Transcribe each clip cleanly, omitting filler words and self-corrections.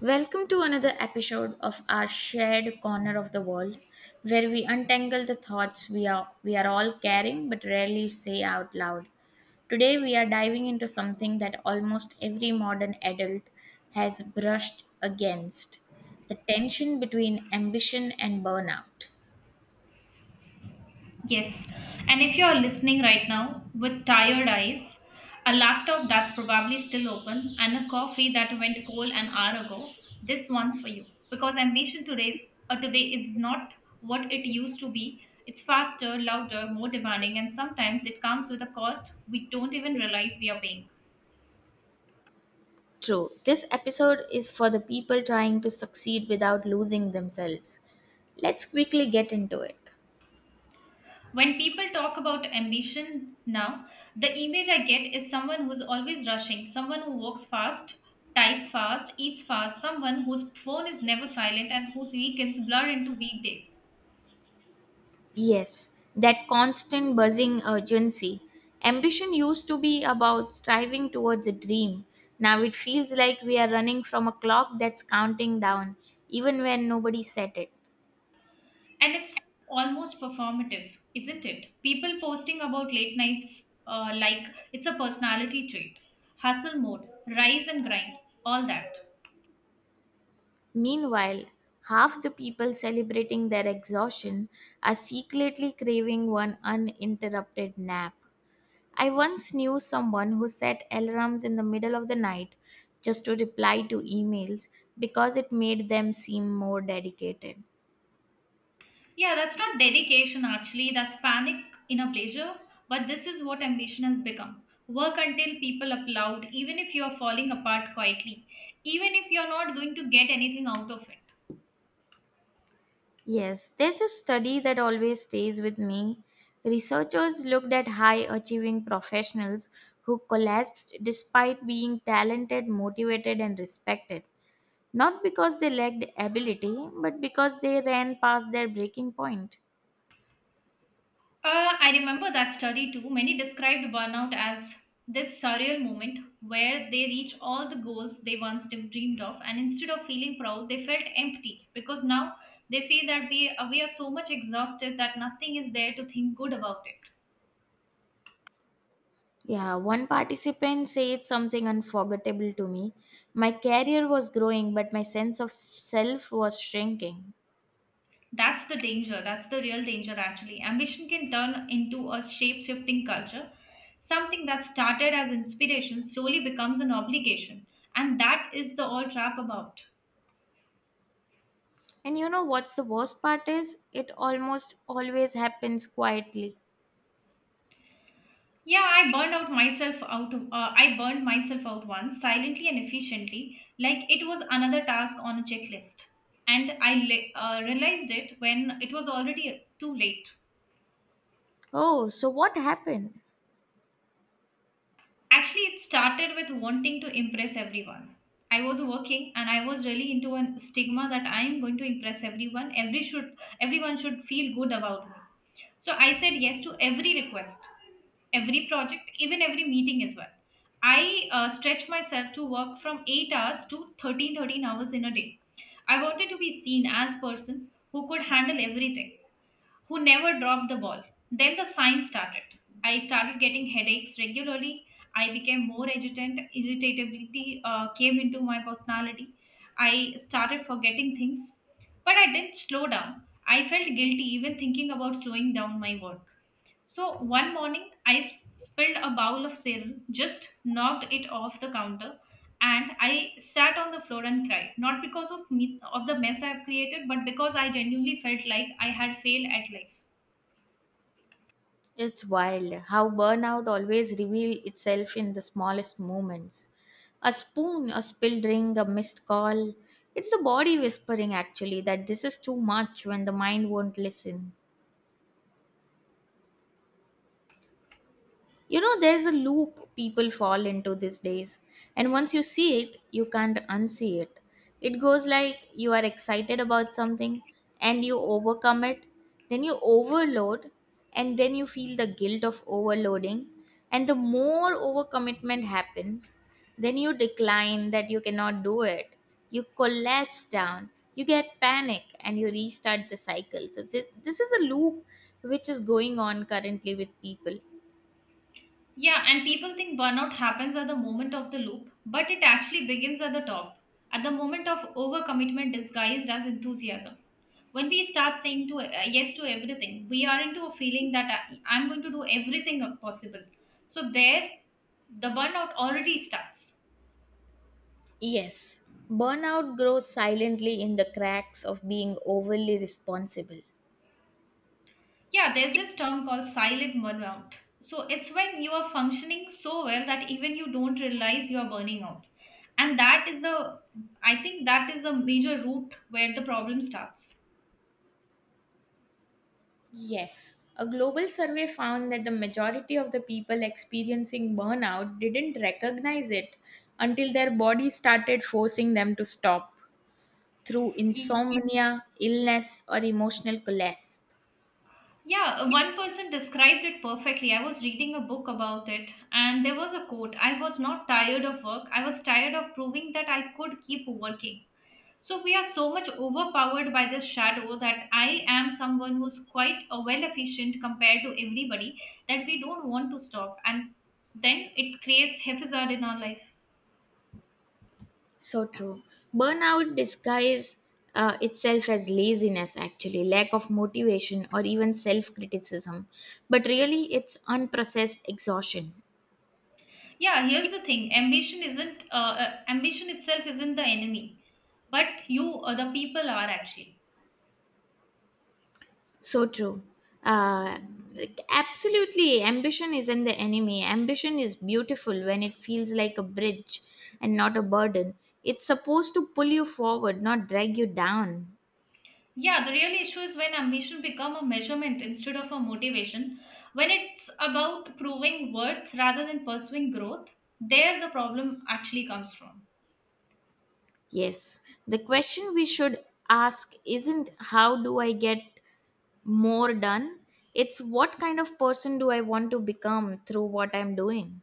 Welcome to another episode of our shared corner of the world where we untangle the thoughts we are all carrying but rarely say out loud. Today we are diving into something that almost every modern adult has brushed against, the tension between ambition and burnout. Yes, and if you're listening right now with tired eyes, a laptop that's probably still open, and a coffee that went cold an hour ago, this one's for you. Because ambition today is not what it used to be. It's faster, louder, more demanding, and sometimes it comes with a cost we don't even realize we are paying. True. This episode is for the people trying to succeed without losing themselves. Let's quickly get into it. When people talk about ambition now, the image I get is someone who's always rushing, someone who walks fast, types fast, eats fast, someone whose phone is never silent and whose weekends blur into weekdays. Yes, that constant buzzing urgency. Ambition used to be about striving towards a dream. Now it feels like we are running from a clock that's counting down, even when nobody set it. And it's almost performative, isn't it? People posting about late nights, like it's a personality trait, hustle mode, rise and grind, all that. Meanwhile, half the people celebrating their exhaustion are secretly craving one uninterrupted nap. I once knew someone who set alarms in the middle of the night just to reply to emails because it made them seem more dedicated. Yeah, that's not dedication actually, that's panic in a pleasure. But this is what ambition has become. Work until people applaud, even if you are falling apart quietly, even if you're not going to get anything out of it. Yes, there's a study that always stays with me. Researchers looked at high achieving professionals who collapsed despite being talented, motivated, and respected. Not because they lacked ability, but because they ran past their breaking point. I remember that study too. Many described burnout as this surreal moment where they reach all the goals they once dreamed of, and instead of feeling proud, they felt empty because now they feel that we are so much exhausted that nothing is there to think good about it. Yeah, one participant said something unforgettable to me. My career was growing, but my sense of self was shrinking. That's the danger. That's the real danger, actually. Ambition can turn into a shape shifting culture. Something that started as inspiration slowly becomes an obligation. And that is the all trap about. And you know what's the worst part is? It almost always happens quietly. Yeah, I burned out myself out. I burned myself out once, silently and efficiently, like it was another task on a checklist. And I realized it when it was already too late. Oh, so what happened? Actually, it started with wanting to impress everyone. I was working and I was really into a stigma that I am going to impress everyone. Everyone should feel good about me. So I said yes to every request, every project, even every meeting as well. I stretched myself to work from 8 hours to thirteen hours in a day. I wanted to be seen as person who could handle everything who never dropped the ball. Then the signs started. I started getting headaches regularly. I became more agitant. Irritability came into my personality. I started forgetting things, but I didn't slow down. I felt guilty even thinking about slowing down my work. So one morning, I spilled a bowl of cereal, just knocked it off the counter, and I sat on the floor and cried. Not because of me of the mess I have created, but because I genuinely felt like I had failed at life. It's wild how burnout always reveals itself in the smallest moments. A spoon, a spilled drink, a missed call. It's the body whispering actually that this is too much when the mind won't listen. You know, there's a loop people fall into these days, and once you see it, you can't unsee it. It goes like you are excited about something and you overcome it, then you overload, and then you feel the guilt of overloading. And the more overcommitment happens, then you decline that you cannot do it. You collapse down, you get panic, and you restart the cycle. So, this is a loop which is going on currently with people. Yeah, and people think burnout happens at the moment of the loop, but it actually begins at the top, at the moment of overcommitment disguised as enthusiasm. When we start saying to yes to everything, we are into a feeling that I'm going to do everything possible. So there, the burnout already starts. Yes, burnout grows silently in the cracks of being overly responsible. Yeah, there's this term called silent burnout. So it's when you are functioning so well that even you don't realize you are burning out. And that is the, I think that is a major root where the problem starts. Yes, a global survey found that the majority of the people experiencing burnout didn't recognize it until their body started forcing them to stop, through Y- insomnia, illness, or emotional collapse. Yeah, one person described it perfectly. I was reading a book about it, and there was a quote I was not tired of work, I was tired of proving that I could keep working. So we are so much overpowered by this shadow that I am someone who's quite a well efficient compared to everybody that we don't want to stop, and then it creates haphazard in our life. So true. Burnout disguises itself as laziness, actually, lack of motivation, or even self criticism. But really, it's unprocessed exhaustion. Yeah, here's the thing: ambition itself isn't the enemy, but you or the people are actually. So true. Uh, like, absolutely, ambition isn't the enemy. Ambition is beautiful when it feels like a bridge and not a burden. It's supposed to pull you forward, not drag you down. Yeah, the real issue is when ambition become a measurement instead of a motivation. When it's about proving worth rather than pursuing growth, there the problem actually comes from. Yes, the question we should ask isn't how do I get more done? It's what kind of person do I want to become through what I'm doing?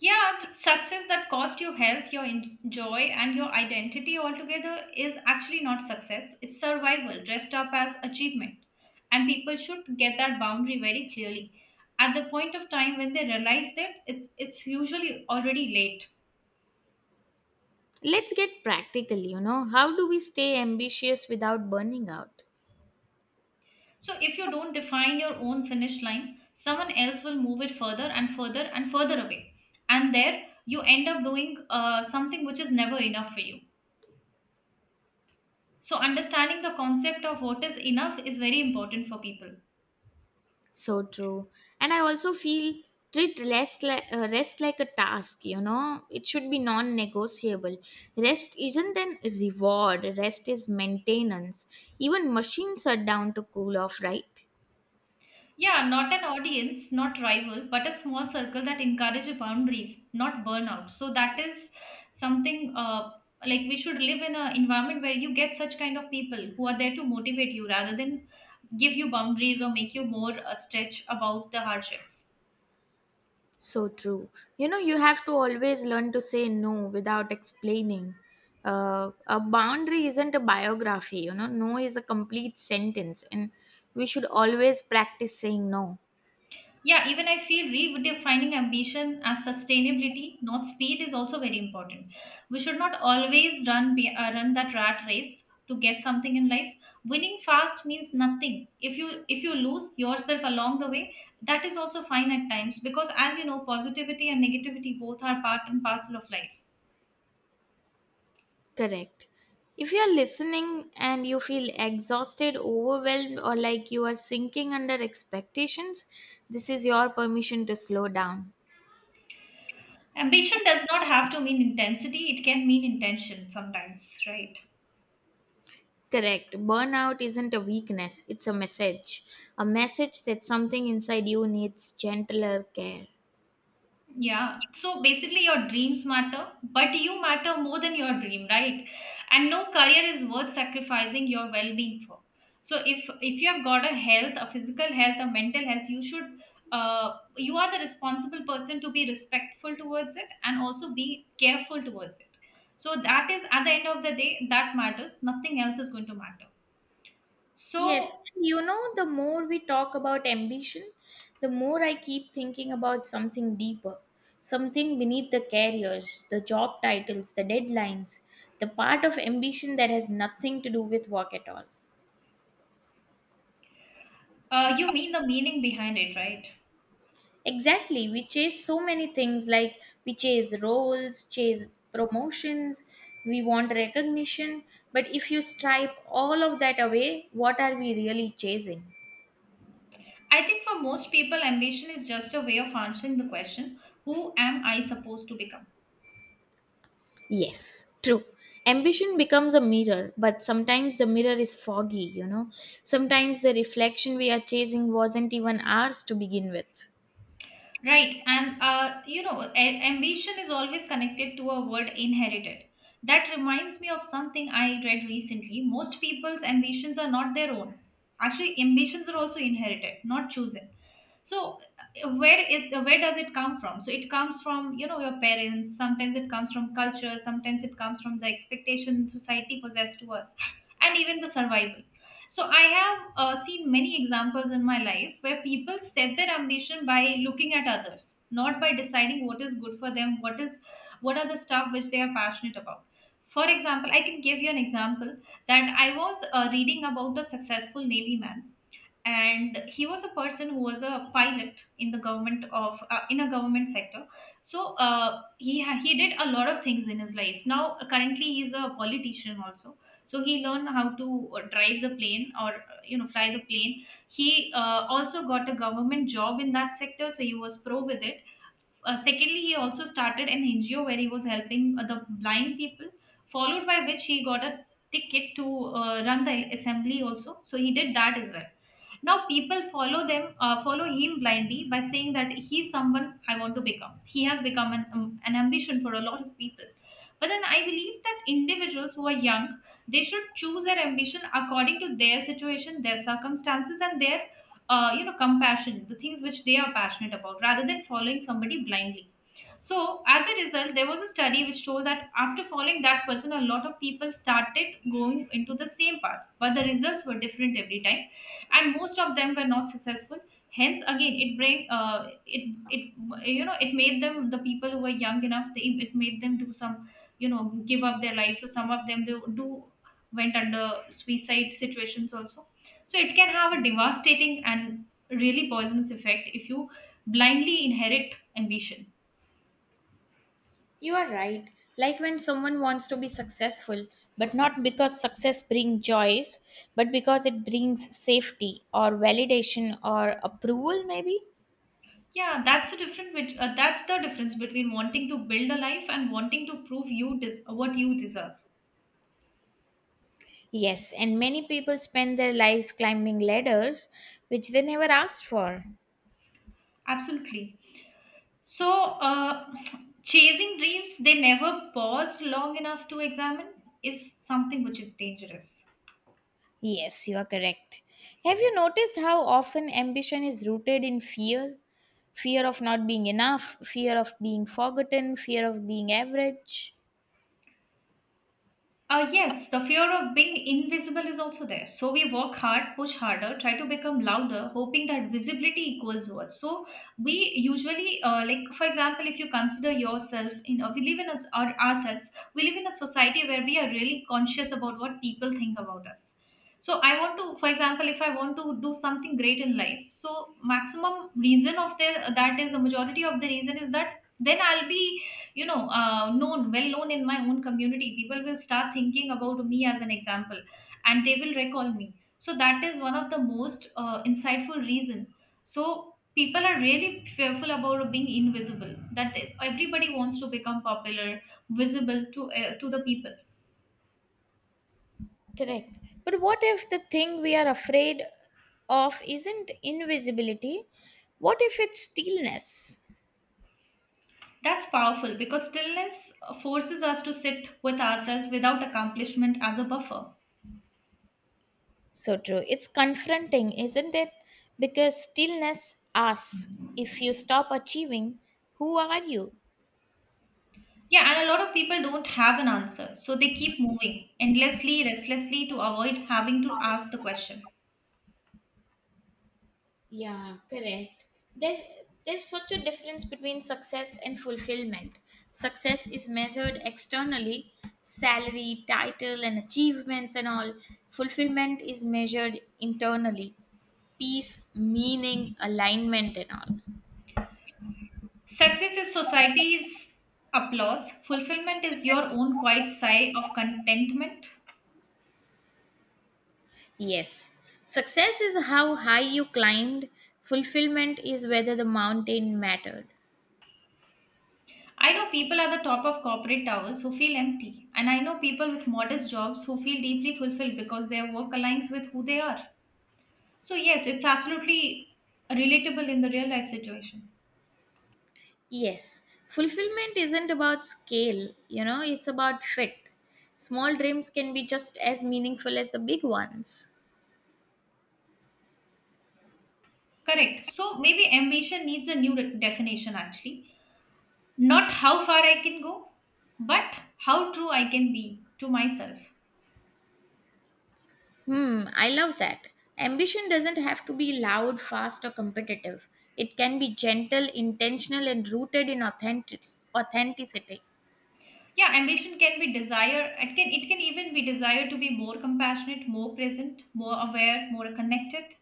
Yeah, the success that cost you health, your joy, and your identity altogether is actually not success. It's survival dressed up as achievement. And people should get that boundary very clearly. At the point of time when they realize that, it's usually already late. Let's get practical, you know. How do we stay ambitious without burning out? So if you don't define your own finish line, someone else will move it further and further and further away. And there you end up doing something which is never enough for you. So, understanding the concept of what is enough is very important for people. So true. And I also feel treat rest like a task, you know. It should be non negotiable. Rest isn't an reward, rest is maintenance. Even machines are down to cool off, right? Yeah, not an audience, not rival, but a small circle that encourages boundaries, not burnout. So, that is something like we should live in an environment where you get such kind of people who are there to motivate you rather than give you boundaries or make you more stretch about the hardships. So true. You know, you have to always learn to say no without explaining. A boundary isn't a biography, you know, no is a complete sentence, and we should always practice saying no. Yeah, even I feel redefining ambition as sustainability, not speed, is also very important. We should not always run that rat race to get something in life. Winning fast means nothing. If you lose yourself along the way, that is also fine at times because as you know, positivity and negativity both are part and parcel of life. Correct. If you're listening and you feel exhausted, overwhelmed, or like you are sinking under expectations, this is your permission to slow down. Ambition does not have to mean intensity; it can mean intention sometimes, right? Correct. Burnout isn't a weakness, it's a message. A message that something inside you needs gentler care. Yeah. So basically, your dreams matter, but you matter more than your dream, right? And no career is worth sacrificing your well-being for. So if you have got a health, a physical health, a mental health, you are the responsible person to be respectful towards it and also be careful towards it. So that is at the end of the day that matters. Nothing else is going to matter. Yes, So you know, the more we talk about ambition, the more I keep thinking about something deeper, something beneath the careers, the job titles, the deadlines, the part of ambition that has nothing to do with work at all. You mean the meaning behind it, right? Exactly, we chase so many things like we chase roles, chase promotions, we want recognition, but if you stripe all of that away, what are we really chasing? I think for most people, ambition is just a way of answering the question, who am I supposed to become? Yes, true. Ambition becomes a mirror, but sometimes the mirror is foggy, you know. Sometimes the reflection we are chasing wasn't even ours to begin with. Right. And, ambition is always connected to a word inherited. That reminds me of something I read recently. Most people's ambitions are not their own. Actually, ambitions are also inherited, not chosen. So where it where does it come from? So it comes from, you know, your parents. Sometimes it comes from culture. Sometimes it comes from the expectation society possessed to us, and even the survival. So I have seen many examples in my life where people set their ambition by looking at others, not by deciding what is good for them, what is what are the stuff which they are passionate about. For example, I can give you an example that I was reading about a successful navy man, and he was a person who was a pilot in the government of in a government sector. So he did a lot of things in his life. Now currently he's a politician also. So he learned how to drive the plane or fly the plane. He also got a government job in that sector, so he was pro with it. Secondly, he also started an NGO where he was helping the blind people, followed by which he got a ticket to run the assembly also. So he did that as well. Now people follow him blindly by saying that he's someone I want to become. He has become an ambition for a lot of people. But then I believe that individuals who are young, they should choose their ambition according to their situation, their circumstances, and their compassion, the things which they are passionate about, rather than following somebody blindly. So, as a result, there was a study which told that after following that person, a lot of people started going into the same path, but the results were different every time, and most of them were not successful. Hence, again, it bring it it you know it made them, the people who were young enough. It made them do some, give up their lives. So some of them do, do went under suicide situations also. So it can have a devastating and really poisonous effect if you blindly inherit ambition. You are right. Like when someone wants to be successful, but not because success brings joys, but because it brings safety or validation or approval, maybe? Yeah, that's that's the difference between wanting to build a life and wanting to prove what you deserve. Yes, and many people spend their lives climbing ladders which they never asked for. Absolutely. So, uh, chasing dreams they never paused long enough to examine is something which is dangerous. Yes, you are correct. Have you noticed how often ambition is rooted in fear? Fear of not being enough, fear of being forgotten, fear of being average. Yes, the fear of being invisible is also there. So we work hard, push harder, try to become louder, hoping that visibility equals worth. So we usually, like for example, if you consider yourself we live in us our ourselves. We live in a society where we are really conscious about what people think about us. So I want to, for example, if I want to do something great in life, so maximum reason of the that is the majority of the reason is that then I'll be known, well known in my own community. People will start thinking about me as an example and they will recall me. So that is one of the most insightful reason. So people are really fearful about being invisible, that everybody wants to become popular, visible to the people. Correct. But what if the thing we are afraid of isn't invisibility? What if it's stillness? That's powerful because stillness forces us to sit with ourselves without accomplishment as a buffer. So true. It's confronting, isn't it? Because stillness asks if you stop achieving, who are you? Yeah, and a lot of people don't have an answer, so they keep moving endlessly, restlessly to avoid having to ask the question. Yeah, correct. There's there's such a difference between success and fulfillment. Success is measured externally, salary, title, and achievements and all. Fulfillment is measured internally, peace, meaning, alignment and all. Success is society's applause, fulfillment is your own quiet sigh of contentment. Yes. Success is how high you climbed. Fulfillment is whether the mountain mattered. I know people at the top of corporate towers who feel empty, and I know people with modest jobs who feel deeply fulfilled because their work aligns with who they are. So, yes, it's absolutely relatable in the real life situation. Yes, fulfillment isn't about scale, you know, it's about fit. Small dreams can be just as meaningful as the big ones. Correct. So, maybe ambition needs a new definition, actually. Not how far I can go, but how true I can be to myself. Hmm, I love that. Ambition doesn't have to be loud, fast, or competitive. It can be gentle, intentional, and rooted in authenticity. Yeah, ambition can be desire. It can even be desire to be more compassionate, more present, more aware, more connected.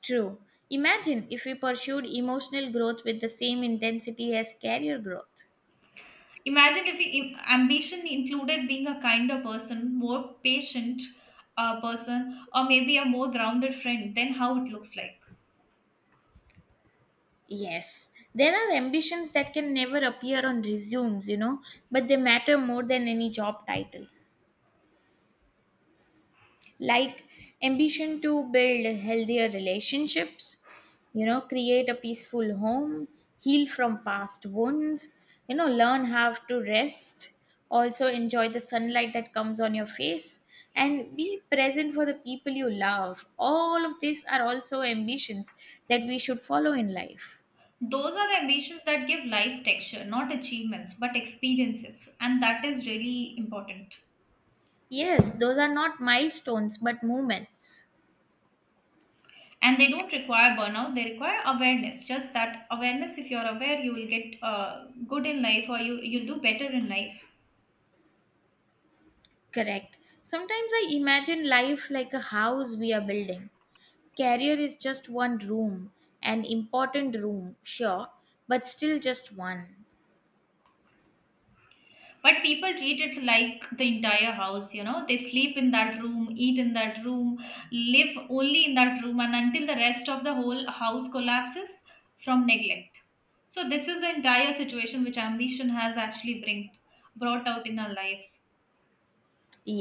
True. Imagine if we pursued emotional growth with the same intensity as career growth. Imagine if ambition included being a kinder person, more patient person, or maybe a more grounded friend. Then how it looks like. Yes, there are ambitions that can never appear on resumes, you know, but they matter more than any job title. Like ambition to build healthier relationships, you know, create a peaceful home, heal from past wounds, you know, learn how to rest, also enjoy the sunlight that comes on your face, and be present for the people you love. All of these are also ambitions that we should follow in life. Those are the ambitions that give life texture, not achievements, but experiences, and that is really important. Yes, those are not milestones but moments. And they don't require burnout, they require awareness. Just that awareness, if you're aware you will get good in life, or you'll do better in life. Correct. Sometimes I imagine life like a house we are building. Career is just one room, an important room, sure, but still just one. But people treat it like the entire house, you know, they sleep in that room, eat in that room, live only in that room, and until the rest of the whole house collapses from neglect. So this is the entire situation which ambition has brought out in our lives.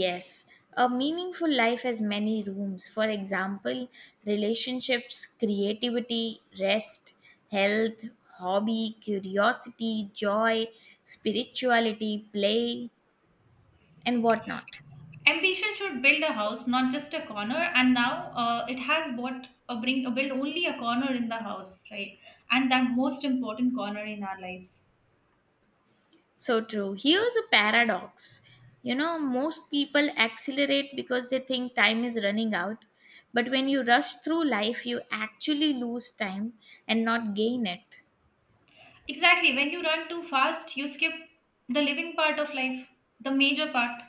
Yes, a meaningful life has many rooms. For example, relationships, creativity, rest, health, hobby, curiosity, joy, spirituality, play, and whatnot. Ambition should build a house, not just a corner. And now it has bought a bring a build only a corner in the house, right? And that most important corner in our lives. So true. Here's a paradox. You know, most people accelerate because they think time is running out. But when you rush through life, you actually lose time and not gain it. Exactly. When you run too fast, you skip the living part of life, the major part.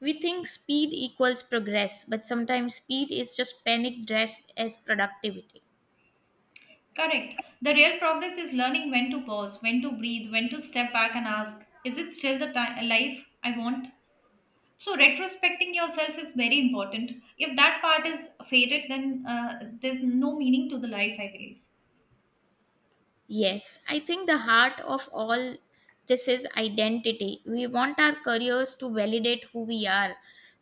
We think speed equals progress, but sometimes speed is just panic dressed as productivity. Correct. The real progress is learning when to pause, when to breathe, when to step back and ask, is it still the life I want? So retrospecting yourself is very important. If that part is faded, then there's no meaning to the life, I believe. Yes, I think the heart of all this is identity. We want our careers to validate who we are,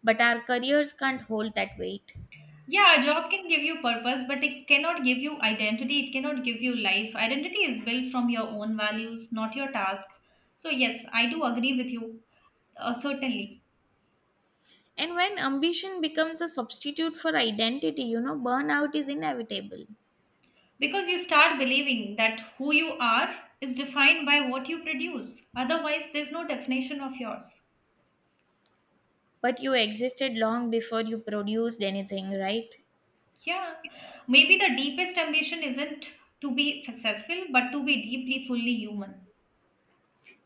but our careers can't hold that weight. Yeah, a job can give you purpose, but it cannot give you identity. It cannot give you life. Identity is built from your own values, not your tasks. So, yes, I do agree with you, certainly. And when ambition becomes a substitute for identity, you know, burnout is inevitable. Because you start believing that who you are is defined by what you produce. Otherwise, there's no definition of yours. But you existed long before you produced anything, right? Yeah. Maybe the deepest ambition isn't to be successful, but to be deeply, fully human.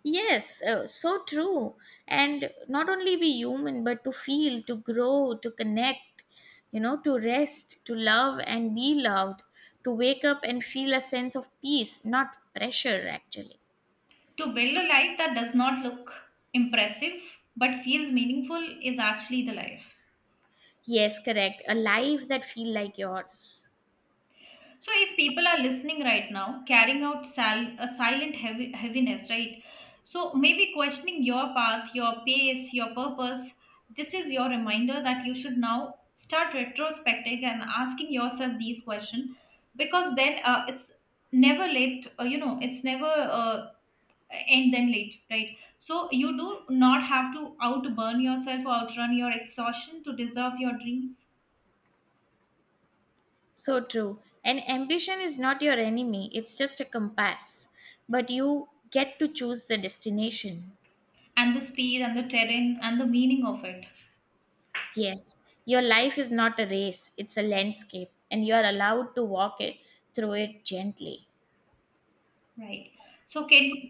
Yes, so true. And not only be human, but to feel, to grow, to connect, you know, to rest, to love and be loved, to wake up and feel a sense of peace, not pressure, actually. To build a life that does not look impressive but feels meaningful is actually the life. Yes, correct. A life that feel like yours. So, if people are listening right now, carrying out a heaviness, right? So, maybe questioning your path, your pace, your purpose, this is your reminder that you should now start retrospecting and asking yourself these questions. Because then it's never late, you know, it's never uh, end then late, right? So, you do not have to outburn yourself or outrun your exhaustion to deserve your dreams, So true. And ambition is not your enemy, it's just a compass. But you get to choose the destination. and the speed and the terrain and the meaning of it. Yes, your life is not a race, it's a landscape, and you are allowed to walk it through it gently. Right. So can